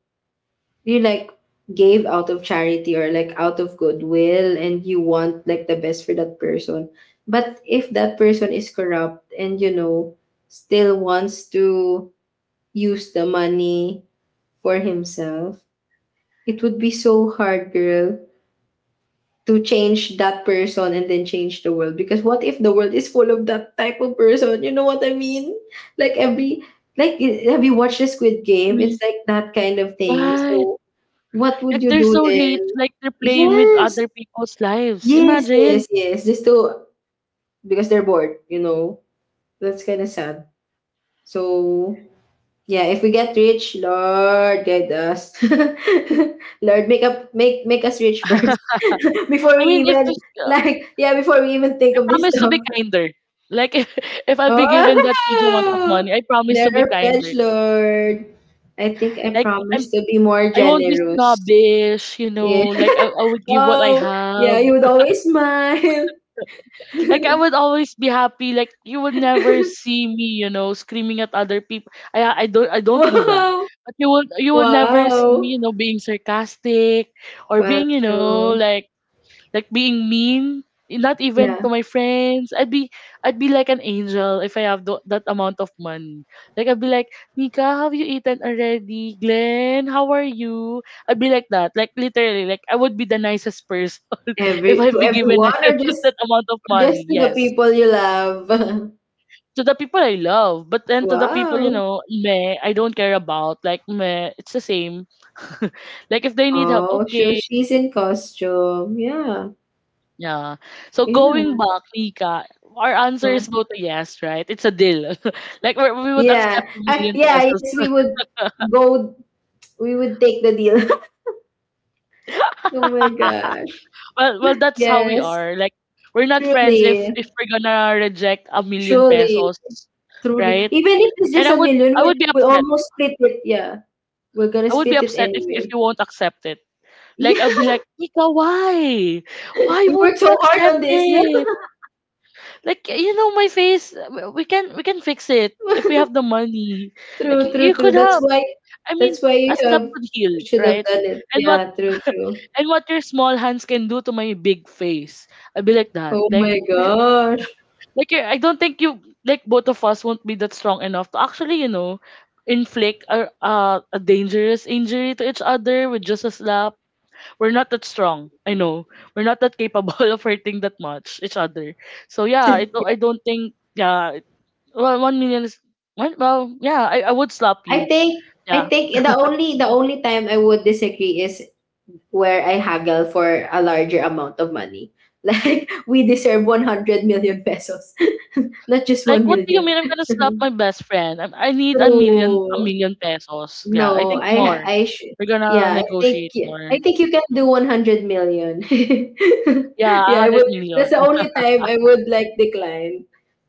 Speaker 2: do you like gave out of charity or like out of goodwill and you want like the best for that person. But if that person is corrupt and you know still wants to use the money for himself, it would be so hard, girl, to change that person and then change the world. Because what if the world is full of that type of person? You know what I mean? Like every like have you watched the Squid Game?
Speaker 1: Mm.
Speaker 2: It's like that kind of thing.
Speaker 1: Right.
Speaker 2: So what would
Speaker 1: Like
Speaker 2: you
Speaker 1: they're
Speaker 2: do
Speaker 1: so rich,
Speaker 2: then?
Speaker 1: like they're playing with
Speaker 2: Yes.
Speaker 1: other people's lives. Imagine.
Speaker 2: Yes. Just to because they're bored, you know. That's kind of sad. So, yeah, if we get rich, Lord guide us. <laughs> Lord, make up make make us rich first
Speaker 1: I
Speaker 2: <laughs> before we
Speaker 1: mean, if
Speaker 2: even
Speaker 1: this,
Speaker 2: like yeah, before we even think
Speaker 1: I
Speaker 2: of this
Speaker 1: promise to
Speaker 2: stuff.
Speaker 1: be
Speaker 2: <laughs>
Speaker 1: kinder. Like <laughs> if I'll be given that huge amount of
Speaker 2: Oh,
Speaker 1: money, I promise
Speaker 2: there
Speaker 1: to be
Speaker 2: are pledge,
Speaker 1: kinder.
Speaker 2: Lord. I think I
Speaker 1: Like
Speaker 2: promise to be more
Speaker 1: I won't be
Speaker 2: generous.
Speaker 1: snobbish, you
Speaker 2: Yeah.
Speaker 1: know.
Speaker 2: <laughs>
Speaker 1: Like I would give what I
Speaker 2: Oh, yeah,
Speaker 1: have.
Speaker 2: you would always smile. <laughs>
Speaker 1: Like I
Speaker 2: <laughs>
Speaker 1: would always be happy. Like you would never see me screaming at other people. I don't do that.
Speaker 2: Wow.
Speaker 1: But you would never see
Speaker 2: Wow.
Speaker 1: me being sarcastic or
Speaker 2: Well,
Speaker 1: being, you know,
Speaker 2: true.
Speaker 1: like being mean, not even
Speaker 2: Yeah.
Speaker 1: to my friends. I'd be like an angel if I have that amount of money. Like I'd be like, Nika, have you eaten already? Glenn, how are you? I'd be like that. Like, literally, like I would be the nicest person <laughs> if
Speaker 2: Every
Speaker 1: I'd
Speaker 2: to
Speaker 1: be given <laughs>
Speaker 2: everyone or
Speaker 1: that amount of
Speaker 2: just
Speaker 1: money.
Speaker 2: to the
Speaker 1: Yes,
Speaker 2: people you love. <laughs>
Speaker 1: to the people I love, but then to the people, you
Speaker 2: Wow.
Speaker 1: know, meh, I don't care about, like, meh, it's the same. <laughs> Like if they need help,
Speaker 2: Oh, so
Speaker 1: okay.
Speaker 2: she's in costume. Yeah.
Speaker 1: Yeah. So going
Speaker 2: Yeah.
Speaker 1: back, Nika, our answer
Speaker 2: Yeah.
Speaker 1: is both a yes, right? It's a deal. <laughs> Like we would
Speaker 2: Yeah.
Speaker 1: accept a million
Speaker 2: Yeah,
Speaker 1: pesos.
Speaker 2: yes, go we would take the deal. <laughs> Oh my
Speaker 1: <laughs>
Speaker 2: gosh.
Speaker 1: Well, that's how we
Speaker 2: Yes.
Speaker 1: are. Like we're not friends if
Speaker 2: Truly.
Speaker 1: if we're gonna reject a million
Speaker 2: Truly.
Speaker 1: pesos,
Speaker 2: Truly.
Speaker 1: right?
Speaker 2: Even if it's
Speaker 1: And
Speaker 2: just
Speaker 1: I
Speaker 2: a
Speaker 1: would
Speaker 2: million,
Speaker 1: I would be
Speaker 2: we
Speaker 1: upset.
Speaker 2: almost split it. Yeah. We're gonna
Speaker 1: I would be
Speaker 2: split it
Speaker 1: upset if
Speaker 2: anyway.
Speaker 1: you won't accept it.
Speaker 2: Yeah.
Speaker 1: Like I'll be like, Nika, why? Why
Speaker 2: We
Speaker 1: won't
Speaker 2: worked so
Speaker 1: you
Speaker 2: hard
Speaker 1: accept
Speaker 2: on this. Yeah,
Speaker 1: it? Like you know my face. We can fix it if we have the money. Like you
Speaker 2: true.
Speaker 1: could have I mean,
Speaker 2: That's why you
Speaker 1: a slap
Speaker 2: have
Speaker 1: could heal,
Speaker 2: should have
Speaker 1: right?
Speaker 2: done it.
Speaker 1: And what
Speaker 2: Yeah, true.
Speaker 1: and what your small hands can do to my big face. I'd be like that.
Speaker 2: Oh
Speaker 1: Like
Speaker 2: my gosh.
Speaker 1: like I don't think you, like, both of us won't be that strong enough to actually, you know, inflict a dangerous injury to each other with just a slap. We're not that strong. I know. We're not that capable <laughs> of hurting that much each other. So yeah, I don't think. Yeah, 1 million is yeah, I would slap you. Yeah.
Speaker 2: I think the only time I would disagree is where I haggle for a larger amount of money. <laughs> Like we deserve 100 million pesos, <laughs> not just
Speaker 1: Like,
Speaker 2: 1
Speaker 1: what do you
Speaker 2: million.
Speaker 1: mean I'm gonna slap
Speaker 2: <laughs>
Speaker 1: my best friend? I need a million, a
Speaker 2: True.
Speaker 1: million pesos. Yeah, I
Speaker 2: No,
Speaker 1: think more.
Speaker 2: I should.
Speaker 1: We're gonna
Speaker 2: Yeah,
Speaker 1: negotiate
Speaker 2: I
Speaker 1: more.
Speaker 2: think you can do 100 million. <laughs>
Speaker 1: Yeah, a
Speaker 2: Yeah, I
Speaker 1: hundred
Speaker 2: would.
Speaker 1: million.
Speaker 2: That's the only time I would like decline.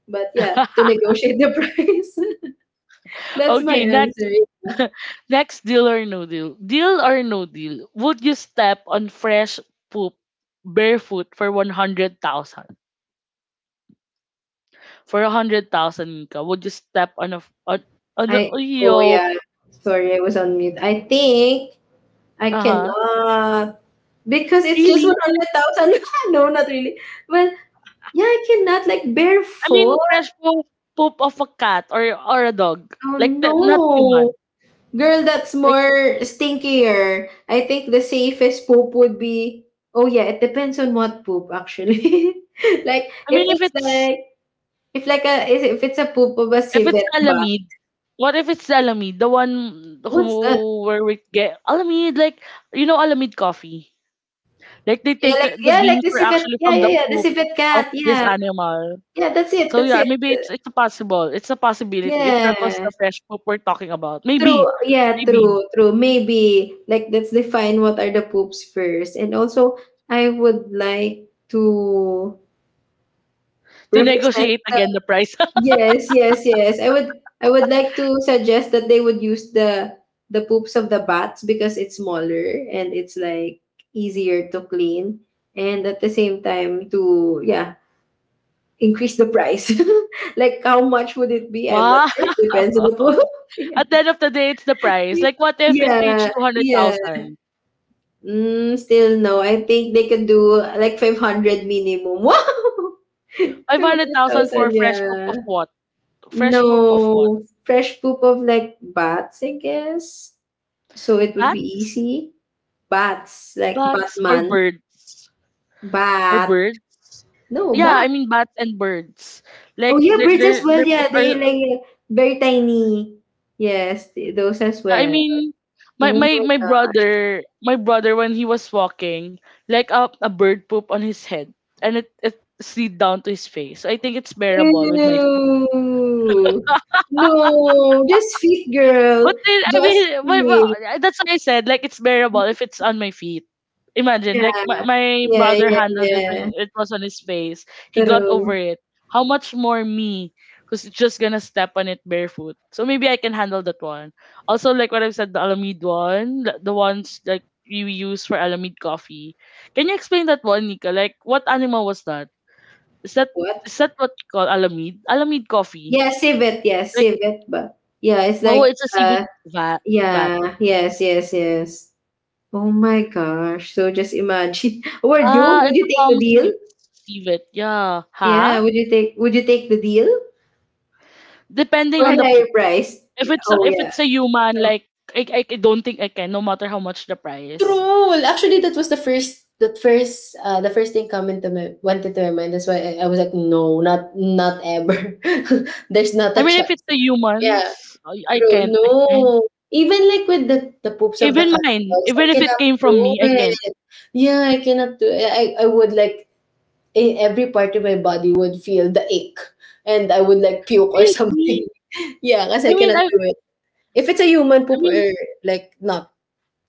Speaker 2: But yeah, to
Speaker 1: <laughs>
Speaker 2: negotiate the <laughs> price. That's my
Speaker 1: Okay, next.
Speaker 2: answer.
Speaker 1: <laughs> Next, deal or no deal. Deal or no deal? Would you step on fresh poop barefoot for 100,000? For 100,000, Nika, would you step on a,
Speaker 2: I oh
Speaker 1: yo?
Speaker 2: yeah. Sorry, I was on mute. I think I
Speaker 1: Uh huh.
Speaker 2: cannot because it's just
Speaker 1: Really?
Speaker 2: 100,000. <laughs> No, not really. Well, yeah, I cannot like bare
Speaker 1: I mean,
Speaker 2: foot.
Speaker 1: fresh poop of a cat or a dog,
Speaker 2: Oh
Speaker 1: not
Speaker 2: no.
Speaker 1: human.
Speaker 2: Girl, that's
Speaker 1: Like
Speaker 2: more stinkier. I think the safest poop would be oh yeah, it depends on what poop actually. <laughs> Like
Speaker 1: I
Speaker 2: if
Speaker 1: mean, if
Speaker 2: it's
Speaker 1: it's
Speaker 2: like if like a if it's a poop of a
Speaker 1: if it's
Speaker 2: civet ba.
Speaker 1: Alamid. What if it's Alamid, the one
Speaker 2: What's that?
Speaker 1: who where we get Alamid, like Alamid coffee. Like they take the
Speaker 2: Yeah, like
Speaker 1: beans
Speaker 2: the
Speaker 1: were
Speaker 2: civet.
Speaker 1: actually
Speaker 2: Yeah,
Speaker 1: from the
Speaker 2: the
Speaker 1: poop
Speaker 2: civet
Speaker 1: of
Speaker 2: cat.
Speaker 1: this
Speaker 2: Yeah.
Speaker 1: animal.
Speaker 2: Yeah, that's it.
Speaker 1: So
Speaker 2: That's
Speaker 1: yeah,
Speaker 2: it.
Speaker 1: maybe it's a possibility. If that was
Speaker 2: Yeah.
Speaker 1: the fresh poop we're talking about, maybe,
Speaker 2: True. Yeah,
Speaker 1: maybe
Speaker 2: true. True. Maybe like let's define what are the poops first. And also I would like to
Speaker 1: to
Speaker 2: represent
Speaker 1: negotiate again the price.
Speaker 2: yes, I would like to suggest that they would use the poops of the bats because it's smaller and it's like easier to clean and at the same time to yeah, increase the price. <laughs> Like how much would it
Speaker 1: <laughs>
Speaker 2: be? I'm not
Speaker 1: Wow.
Speaker 2: sure. It depends on the poop. <laughs> Yeah.
Speaker 1: At the end of the day, it's the price. Like, what if it
Speaker 2: Yeah,
Speaker 1: reached
Speaker 2: yeah.
Speaker 1: 200,000?
Speaker 2: Mm, still no. I think they could do like 500 minimum. <laughs> Wow.
Speaker 1: 500,000 for
Speaker 2: 500,000,
Speaker 1: fresh poop
Speaker 2: yeah.
Speaker 1: of what? Fresh poop of what?
Speaker 2: No, fresh poop of like bats, I guess. So it would be
Speaker 1: Bats?
Speaker 2: easy. Bats, like
Speaker 1: Bats or
Speaker 2: Batman.
Speaker 1: birds? Or
Speaker 2: Bat.
Speaker 1: birds?
Speaker 2: No,
Speaker 1: Yeah,
Speaker 2: bat.
Speaker 1: I mean bats and birds.
Speaker 2: Oh
Speaker 1: Like
Speaker 2: yeah, birds as well. Yeah, they like very tiny. Yes, those as
Speaker 1: I
Speaker 2: well.
Speaker 1: mean my,
Speaker 2: Oh
Speaker 1: my my
Speaker 2: my.
Speaker 1: brother my brother when he was walking, like a bird poop on his head, and it slid down to his face. So I think it's bearable with my.
Speaker 2: Ew. No, just feet,
Speaker 1: But
Speaker 2: girl.
Speaker 1: then I mean,
Speaker 2: Just feet.
Speaker 1: that's what I said. Like it's bearable if it's on my feet. Imagine,
Speaker 2: Yeah,
Speaker 1: like my
Speaker 2: yeah,
Speaker 1: brother
Speaker 2: yeah,
Speaker 1: handled it
Speaker 2: yeah.
Speaker 1: when it was on his face. He got
Speaker 2: true.
Speaker 1: over it. How much more me, who's just gonna step on it barefoot? So maybe I can handle that one. Also, like what I've said, the Alamid one, the ones like you use for Alamid coffee. Can you explain that one, Nika? Like what animal was that? Is that
Speaker 2: What?
Speaker 1: is that what you call Alamid? Alamid coffee?
Speaker 2: Yeah, civet. Yeah,
Speaker 1: Like,
Speaker 2: civet. But yeah, it's
Speaker 1: oh,
Speaker 2: like
Speaker 1: it's a civet bat. Bat.
Speaker 2: yeah. Yes. Oh my gosh. So just imagine. <laughs> Or you,
Speaker 1: Ah,
Speaker 2: would
Speaker 1: it's
Speaker 2: you
Speaker 1: a
Speaker 2: take the
Speaker 1: palm
Speaker 2: deal?
Speaker 1: civet. Yeah. Huh?
Speaker 2: Yeah, would you take the deal
Speaker 1: Depending
Speaker 2: for
Speaker 1: on
Speaker 2: a
Speaker 1: the
Speaker 2: higher
Speaker 1: poop.
Speaker 2: price? Oh
Speaker 1: If
Speaker 2: yeah.
Speaker 1: it's a human,
Speaker 2: Oh,
Speaker 1: like I don't think I can, no matter how much the price.
Speaker 2: true. Actually, that was the first thing coming to my went into my mind. That's why I was like, no, not ever. <laughs> There's not a
Speaker 1: I mean, if it's
Speaker 2: chance.
Speaker 1: a human,
Speaker 2: Yeah.
Speaker 1: I
Speaker 2: True.
Speaker 1: can't. I can't.
Speaker 2: No. Even like with the poops of the
Speaker 1: Even
Speaker 2: cat
Speaker 1: mine,
Speaker 2: dogs, I
Speaker 1: even if it
Speaker 2: cannot
Speaker 1: came from
Speaker 2: do
Speaker 1: me, I can't.
Speaker 2: it. Yeah, I cannot do it. I would like in every part of my body would feel the ache and I would like puke or something.
Speaker 1: Really?
Speaker 2: <laughs> Yeah, because
Speaker 1: I
Speaker 2: I
Speaker 1: mean,
Speaker 2: cannot do it. If it's a human
Speaker 1: I
Speaker 2: poop
Speaker 1: mean,
Speaker 2: or like not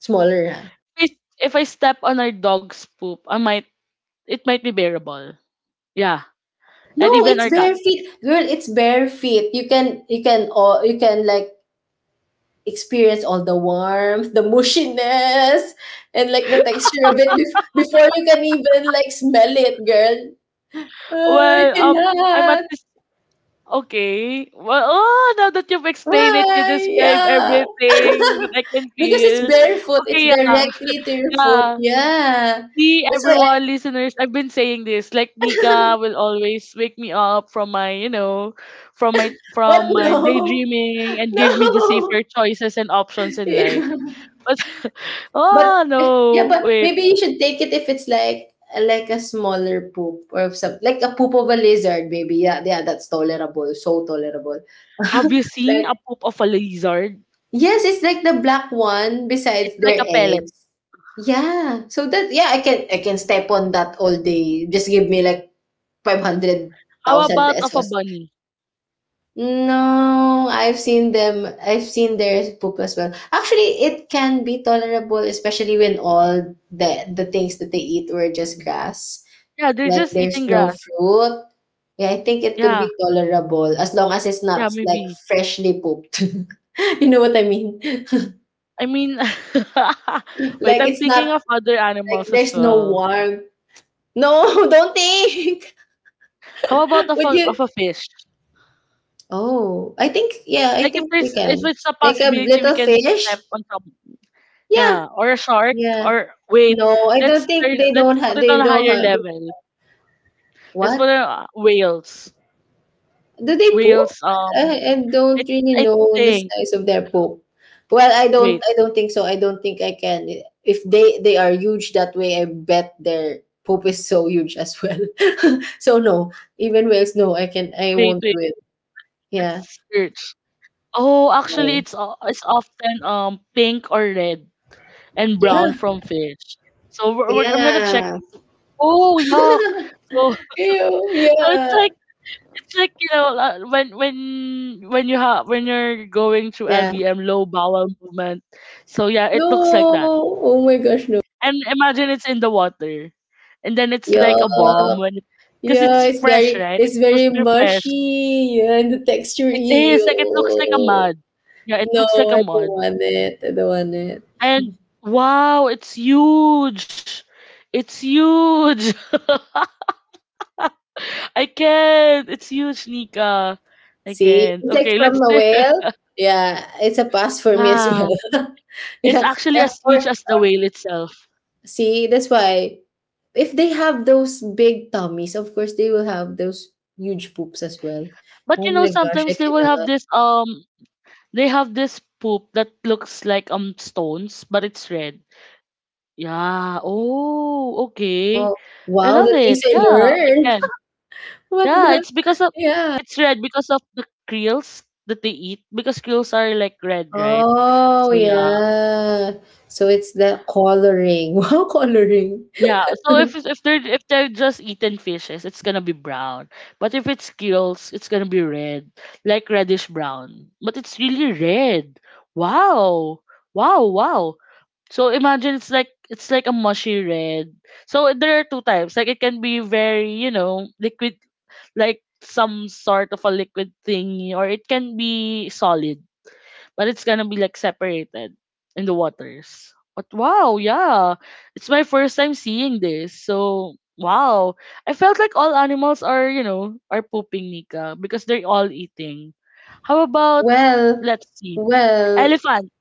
Speaker 2: smaller, huh?
Speaker 1: if, if I step on our dog's poop, I might it might be bearable. Yeah,
Speaker 2: No,
Speaker 1: and even
Speaker 2: it's
Speaker 1: our cat.
Speaker 2: bare feet. Girl, it's bare feet. You can like experience all the warmth, the mushiness, and like the texture of it before you can even like smell it, girl. Ah, I
Speaker 1: Well, I'm at
Speaker 2: cannot.
Speaker 1: this okay. Well, oh, now that you've explained it, you
Speaker 2: Why?
Speaker 1: describe
Speaker 2: Yeah.
Speaker 1: everything that
Speaker 2: <laughs>
Speaker 1: I can
Speaker 2: Because it's
Speaker 1: feel.
Speaker 2: barefoot. It's
Speaker 1: Okay, yeah.
Speaker 2: directly to your foot.
Speaker 1: Yeah.
Speaker 2: Yeah.
Speaker 1: See,
Speaker 2: That's why I
Speaker 1: everyone, listeners, I've been saying this. Like, Nika will always wake me up from my, you know,
Speaker 2: what
Speaker 1: from my
Speaker 2: no.
Speaker 1: daydreaming
Speaker 2: <laughs>
Speaker 1: and give me the
Speaker 2: No.
Speaker 1: safer choices and options in life.
Speaker 2: Yeah.
Speaker 1: But, <laughs>
Speaker 2: But
Speaker 1: oh,
Speaker 2: yeah,
Speaker 1: no.
Speaker 2: but
Speaker 1: Wait.
Speaker 2: maybe you should take it if it's like a smaller poop or some like a poop of a lizard, maybe. Yeah, yeah, that's tolerable. So tolerable. <laughs>
Speaker 1: Have you seen
Speaker 2: Like
Speaker 1: a poop of a lizard?
Speaker 2: yes, it's like the black one besides
Speaker 1: It's like
Speaker 2: their
Speaker 1: a pellet.
Speaker 2: eggs. Yeah. So that yeah, I can step on that all day. Just give me like
Speaker 1: How
Speaker 2: 500,000
Speaker 1: about of a
Speaker 2: pesos.
Speaker 1: bunny?
Speaker 2: No, I've seen them. I've seen their poop as well. Actually, it can be tolerable, especially when all the things that they eat were just grass.
Speaker 1: Yeah, they're
Speaker 2: Like
Speaker 1: just
Speaker 2: there's
Speaker 1: eating
Speaker 2: no
Speaker 1: grass.
Speaker 2: fruit. Yeah, I think it could
Speaker 1: Yeah.
Speaker 2: be tolerable as long as it's
Speaker 1: Yeah,
Speaker 2: not like
Speaker 1: maybe.
Speaker 2: freshly pooped. <laughs> You know what I mean?
Speaker 1: I mean, <laughs> wait,
Speaker 2: Like
Speaker 1: I'm
Speaker 2: it's not
Speaker 1: thinking of other
Speaker 2: like
Speaker 1: animals as
Speaker 2: there's no
Speaker 1: well.
Speaker 2: warmth. No, <laughs> don't think.
Speaker 1: How about
Speaker 2: <laughs>
Speaker 1: of
Speaker 2: Would
Speaker 1: a,
Speaker 2: you?
Speaker 1: of a fish?
Speaker 2: Oh, I think yeah. I
Speaker 1: Like
Speaker 2: think we
Speaker 1: if
Speaker 2: can.
Speaker 1: it's a
Speaker 2: Like a
Speaker 1: possibility we
Speaker 2: little
Speaker 1: can
Speaker 2: fish.
Speaker 1: step on top.
Speaker 2: Yeah.
Speaker 1: Yeah, or a shark
Speaker 2: Yeah.
Speaker 1: or wait,
Speaker 2: No, I don't think
Speaker 1: let's put it on
Speaker 2: they
Speaker 1: a
Speaker 2: don't
Speaker 1: higher
Speaker 2: have
Speaker 1: level. Let's
Speaker 2: what?
Speaker 1: put it on whales.
Speaker 2: Do they poop?
Speaker 1: Whales,
Speaker 2: I don't
Speaker 1: it
Speaker 2: really
Speaker 1: I
Speaker 2: know the
Speaker 1: think.
Speaker 2: size of their poop. Well,
Speaker 1: Wait,
Speaker 2: I don't think so. I don't think I can. If they they are huge that way, I bet their poop is so huge as well. <laughs> So no, even whales, no, I
Speaker 1: wait,
Speaker 2: won't
Speaker 1: wait.
Speaker 2: do it. Yeah.
Speaker 1: Let's search. Oh, actually,
Speaker 2: No.
Speaker 1: it's often pink or red and
Speaker 2: Yeah.
Speaker 1: brown from fish. So I'm going to check.
Speaker 2: Yeah.
Speaker 1: Oh, yuck. So
Speaker 2: Ew,
Speaker 1: <laughs> so it's
Speaker 2: yeah.
Speaker 1: like it's like, when you're going through
Speaker 2: Yeah.
Speaker 1: LBM, low bowel movement. So yeah, it
Speaker 2: No.
Speaker 1: looks like that.
Speaker 2: Oh my gosh, no.
Speaker 1: And imagine it's in the water. And then it's
Speaker 2: Yeah.
Speaker 1: like a bomb when because
Speaker 2: Yeah,
Speaker 1: it's fresh, right? It's
Speaker 2: it's
Speaker 1: supposed
Speaker 2: very
Speaker 1: to be fresh.
Speaker 2: mushy yeah, and the texture,
Speaker 1: It is like it looks like a
Speaker 2: ew.
Speaker 1: mud. Yeah, it
Speaker 2: No,
Speaker 1: looks like a mud.
Speaker 2: I don't want it.
Speaker 1: And wow, it's huge. It's huge. <laughs> I can't. It's huge, Nika. I
Speaker 2: See,
Speaker 1: can't.
Speaker 2: it's like
Speaker 1: Okay,
Speaker 2: from
Speaker 1: let's
Speaker 2: a
Speaker 1: say, <laughs>
Speaker 2: whale. Yeah, it's a pass for me as
Speaker 1: yeah.
Speaker 2: well. <laughs>
Speaker 1: It's
Speaker 2: Yeah,
Speaker 1: actually as huge
Speaker 2: or
Speaker 1: as the whale itself.
Speaker 2: see, that's why if they have those big tummies, of course they will have those huge poops as well.
Speaker 1: But you
Speaker 2: Oh
Speaker 1: know,
Speaker 2: my gosh,
Speaker 1: sometimes
Speaker 2: I cannot.
Speaker 1: they have this poop that looks like stones, but it's red. Yeah. Oh, okay.
Speaker 2: Oh,
Speaker 1: I
Speaker 2: wow,
Speaker 1: love
Speaker 2: the things
Speaker 1: it.
Speaker 2: I
Speaker 1: Yeah, I
Speaker 2: learned.
Speaker 1: can.
Speaker 2: <laughs> What
Speaker 1: Yeah,
Speaker 2: the?
Speaker 1: it's red because of the creels that they eat. Because creels are like red, right?
Speaker 2: Oh,
Speaker 1: So yeah.
Speaker 2: yeah. So it's the coloring. <laughs> Wow, coloring.
Speaker 1: Yeah, so if they're just eating fishes, it's gonna be brown. But if it's gills, it's gonna be red, like reddish brown. But it's really red. Wow, wow, wow. So imagine it's like a mushy red. So there are two types. Like it can be very, liquid, like some sort of a liquid thingy, or it can be solid but it's gonna be like separated in the waters. But wow, yeah, it's my first time seeing this. So wow, I felt like all animals are, pooping, Nika, because they're all eating. How about,
Speaker 2: Well,
Speaker 1: let's see,
Speaker 2: well,
Speaker 1: elephant,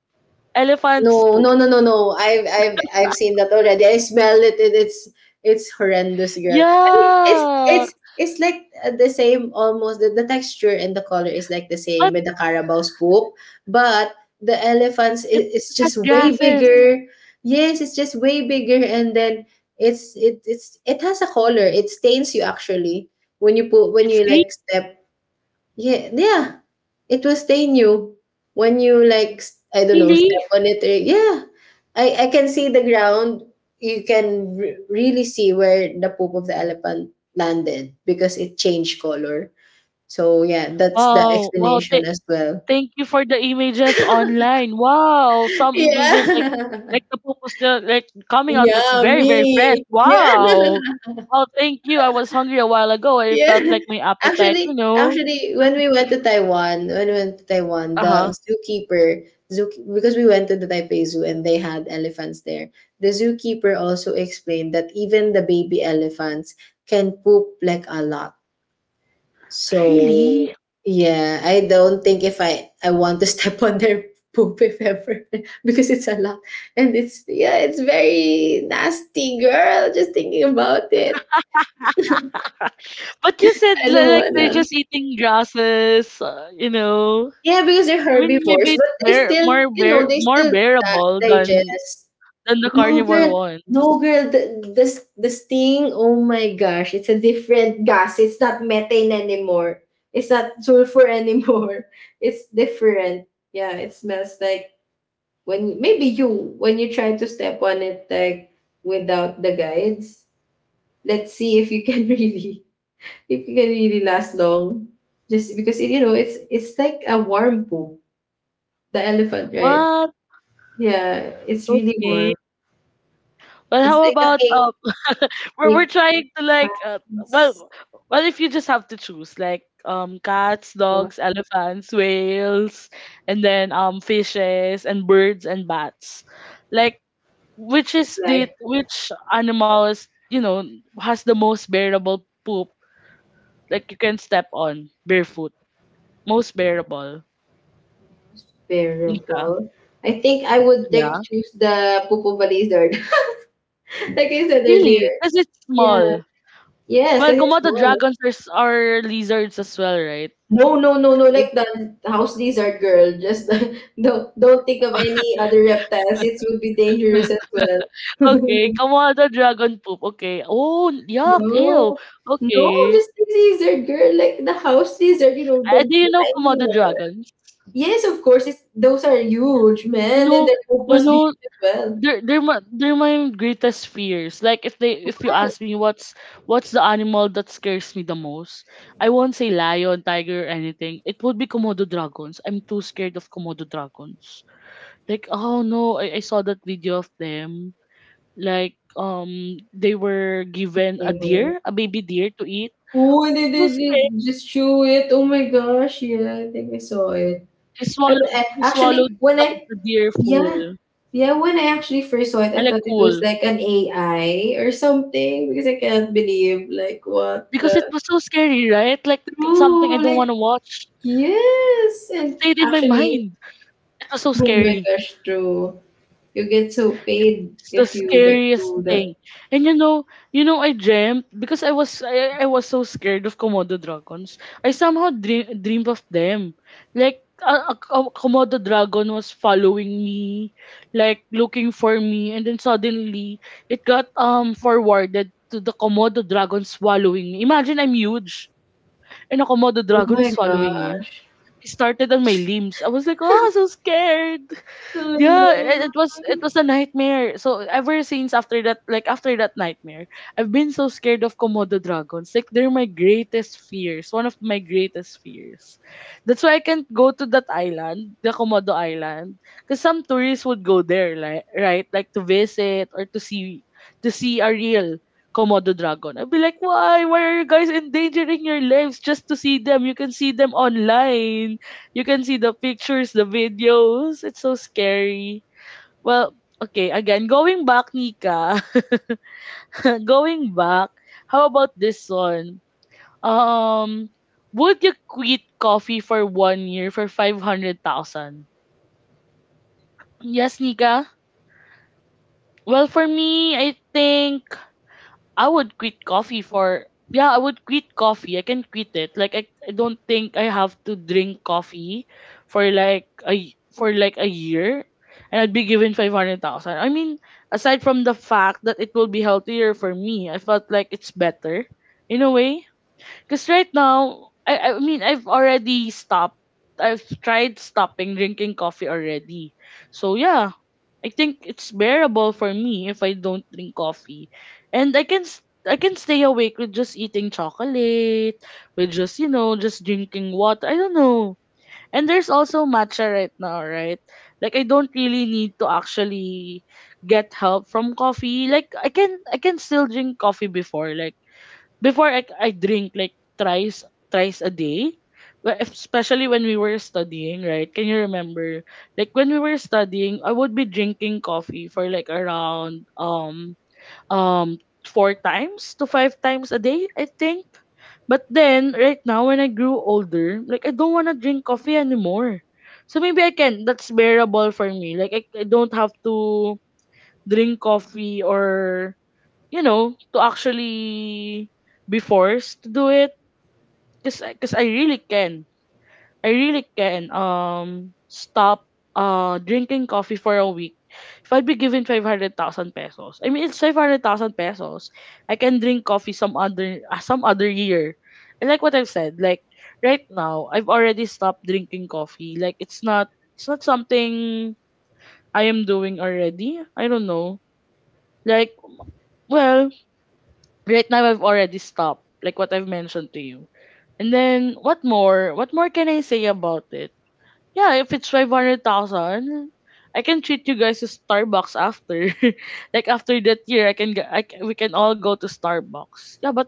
Speaker 1: elephants poop.
Speaker 2: No. I've seen that already. I smell it. It's horrendous, girl. I mean,
Speaker 1: Yeah,
Speaker 2: it's like the same almost. The texture and the color is like the same
Speaker 1: but
Speaker 2: with the Carabao's poop, but the elephants
Speaker 1: it
Speaker 2: is, it's
Speaker 1: has
Speaker 2: just way
Speaker 1: gases.
Speaker 2: bigger. Yes, it's just way bigger, and then it has a color. It stains you actually when you put when
Speaker 1: It's
Speaker 2: you
Speaker 1: green,
Speaker 2: like step yeah, yeah. It will stay new when you like I don't know
Speaker 1: really.
Speaker 2: step on it. Or, yeah, I can see the ground. You can really see where the poop of the elephant landed because it changed color. So yeah, that's the
Speaker 1: Wow, wow.
Speaker 2: explanation as well.
Speaker 1: Thank you for the images online. Wow,
Speaker 2: <laughs>
Speaker 1: some images like
Speaker 2: Yeah.
Speaker 1: the pupus the, like
Speaker 2: <laughs>
Speaker 1: coming out like
Speaker 2: Yeah,
Speaker 1: very fresh.
Speaker 2: me. Yeah.
Speaker 1: Wow. Oh, thank you. I was hungry a while ago. I felt
Speaker 2: Yeah.
Speaker 1: like my
Speaker 2: <laughs>
Speaker 1: appetite,
Speaker 2: When we went to Taiwan when we went to Taiwan,
Speaker 1: Uh
Speaker 2: the
Speaker 1: huh.
Speaker 2: zookeeper zoo because we went to the Taipei Zoo and they had elephants there, the zookeeper also explained that even the baby elephants can poop like a lot. So,
Speaker 1: Really?
Speaker 2: yeah, I don't think if I want to <laughs> step on their poop if ever <laughs> because it's a lot and it's yeah, it's very nasty, girl, just thinking about it.
Speaker 1: <laughs> But you said
Speaker 2: I don't
Speaker 1: like they're
Speaker 2: wanna.
Speaker 1: just eating grasses,
Speaker 2: Yeah, because they're
Speaker 1: I mean,
Speaker 2: herbivores,
Speaker 1: maybe it's
Speaker 2: but they still, you know, they
Speaker 1: more
Speaker 2: still
Speaker 1: bearable than
Speaker 2: digest.
Speaker 1: the
Speaker 2: No,
Speaker 1: carnivore
Speaker 2: girl. No,
Speaker 1: ones.
Speaker 2: girl. The sting, oh my gosh. It's a different gas. It's not methane anymore. It's not sulfur anymore. <laughs> It's different. Yeah, it smells like when maybe you, when you try to step on it, like without the guides, let's see if you can <laughs> really, if you can really last long. Just because, you know, it's like a warm poop the elephant, right?
Speaker 1: What?
Speaker 2: Yeah, it's really
Speaker 1: Okay.
Speaker 2: warm.
Speaker 1: Well,
Speaker 2: It's
Speaker 1: how
Speaker 2: like a
Speaker 1: about
Speaker 2: cake.
Speaker 1: we're
Speaker 2: Cake
Speaker 1: trying to like
Speaker 2: pans
Speaker 1: well well if you just have to choose like cats,
Speaker 2: of
Speaker 1: dogs, elephants, whales, and then fishes and birds and bats. Like
Speaker 2: life
Speaker 1: which animal is you know has the most bearable poop like you can step on barefoot. Most bearable.
Speaker 2: was
Speaker 1: Ika.
Speaker 2: bearable. I would like
Speaker 1: Yeah.
Speaker 2: choose the Pupo lizard, <laughs> like I said earlier.
Speaker 1: Really? Because it's
Speaker 2: Yeah.
Speaker 1: small.
Speaker 2: Yes,
Speaker 1: Well,
Speaker 2: because it's
Speaker 1: Komodo
Speaker 2: small.
Speaker 1: dragons are, are lizards as well, right?
Speaker 2: No, No.
Speaker 1: Would-
Speaker 2: Like the house lizard girl. Just <laughs> don't think of any other reptiles. It would be
Speaker 1: <laughs>
Speaker 2: dangerous as well.
Speaker 1: Okay,
Speaker 2: <laughs>
Speaker 1: Komodo dragon poop, okay. Oh, yuck, ew,
Speaker 2: No, no,
Speaker 1: okay.
Speaker 2: just the lizard girl. Like the house lizard. You know
Speaker 1: Ah, do you
Speaker 2: the
Speaker 1: know
Speaker 2: tiny
Speaker 1: Komodo
Speaker 2: one.
Speaker 1: dragons?
Speaker 2: Yes, of course. It's, those are huge,
Speaker 1: You
Speaker 2: man, and
Speaker 1: know
Speaker 2: their book
Speaker 1: you
Speaker 2: must be
Speaker 1: know,
Speaker 2: huge as well.
Speaker 1: they're my greatest fears. Like if you
Speaker 2: I think
Speaker 1: ask me what's the animal that scares me the most, I won't say lion, tiger, or anything. It would be Komodo dragons. I'm too scared of Komodo dragons. Like, oh no, I saw that video of them. Like, they were given a
Speaker 2: they were.
Speaker 1: deer, a baby deer to eat.
Speaker 2: Oh, and
Speaker 1: Too
Speaker 2: they just show it. Oh my gosh, yeah, I think I saw it. I, mean, I
Speaker 1: He
Speaker 2: actually
Speaker 1: swallowed
Speaker 2: when I
Speaker 1: the deer
Speaker 2: yeah
Speaker 1: full.
Speaker 2: yeah when I actually first saw it,
Speaker 1: I
Speaker 2: I
Speaker 1: like
Speaker 2: thought it was
Speaker 1: cool.
Speaker 2: like an AI or something because I can't believe like what
Speaker 1: Because it
Speaker 2: the
Speaker 1: was so scary, right? Like something I
Speaker 2: true
Speaker 1: don't wanna
Speaker 2: like
Speaker 1: watch.
Speaker 2: yes
Speaker 1: But
Speaker 2: and
Speaker 1: stayed in my
Speaker 2: actually
Speaker 1: mind. It was so
Speaker 2: oh my
Speaker 1: scary.
Speaker 2: gosh true you get so paid
Speaker 1: It's the
Speaker 2: if you like
Speaker 1: scariest
Speaker 2: do that.
Speaker 1: thing. And you know, I dreamt because I was so scared of Komodo dragons. I somehow dreamed of them. Like a Komodo dragon was following me, like looking for me, and then suddenly it got forwarded to the Komodo dragon swallowing me. Imagine I'm huge and a Komodo
Speaker 2: Oh
Speaker 1: dragon
Speaker 2: my
Speaker 1: is swallowing me.
Speaker 2: gosh.
Speaker 1: He started on my limbs. I was like, oh, so scared. Yeah,
Speaker 2: Oh
Speaker 1: it was
Speaker 2: no.
Speaker 1: a nightmare. So ever since after that, like after that nightmare, I've been so scared of Komodo dragons. Like they're my greatest fears one of my greatest fears. That's why I can't go to that island, the Komodo island, because some tourists would go there like right like to visit or to see a real Komodo dragon. I'd be like, why are you guys endangering your lives just to see them? You can see them online. You can see the pictures, the videos. It's so scary. Well, okay, again, going back, Nika. <laughs> Going back, how about this one? Um, would you quit coffee for 1 year for 500,000? Yes, Nika. Well, for me, I think I would quit coffee for yeah, I would quit coffee. I can quit it. Like I don't think I have to drink coffee for for like a year and I'd be given 500,000. I mean, aside from the fact that it will be healthier for me, I felt like it's better in a way, cuz right now I've already stopped. I've tried stopping drinking coffee already. So yeah, I think it's bearable for me if I don't drink coffee. And I can stay awake with just eating chocolate, with just, you know, just drinking water. I don't know. And there's also matcha right now, right? Like I don't really need to actually get help from coffee. Like I can still drink coffee before. Like before I drink like thrice a day. Well, especially when we were studying, right? Can you remember? Like when we were studying, I would be drinking coffee for like around um four times to five times a day, I think. But then right now when I grew older, like I don't want to drink coffee anymore. So maybe I can that's bearable for me. Like I don't have to drink coffee or you know, to actually be forced to do it. Cause I really can. I really can stop drinking coffee for a week. If I'd be given 500,000 pesos, I mean, it's 500,000 pesos. I can drink coffee some other year. And like what I've said, like right now, I've already stopped drinking coffee. Like it's not something I am doing already. I don't know. Like, well, right now I've already stopped, like what I've mentioned to you. And then what more? What more can I say about it? Yeah, if it's 500,000, I can treat you guys to Starbucks after. <laughs> Like after that year, I can g I c we can all go to Starbucks. Yeah, but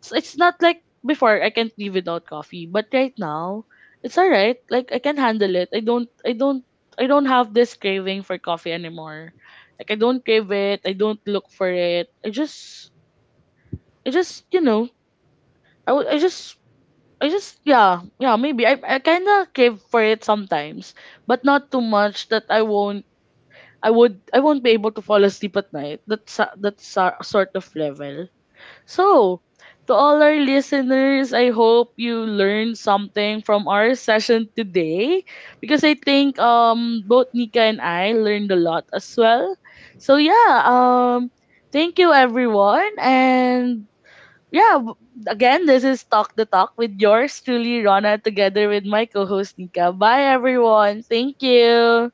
Speaker 1: it's not like before I can't live without coffee. But right now, it's alright. Like I can handle it. I don't have this craving for coffee anymore. Like I don't crave it. I don't look for it. I just you know I would I just yeah, maybe I kinda crave for it sometimes, but not too much that I won't be able to fall asleep at night. That's a sort of level. So to all our listeners, I hope you learned something from our session today because I think both Nika and I learned a lot as well. So yeah, thank you everyone and yeah, again, this is Talk the Talk with yours truly, Rana, together with my co host, Nika. Bye, everyone. Thank you.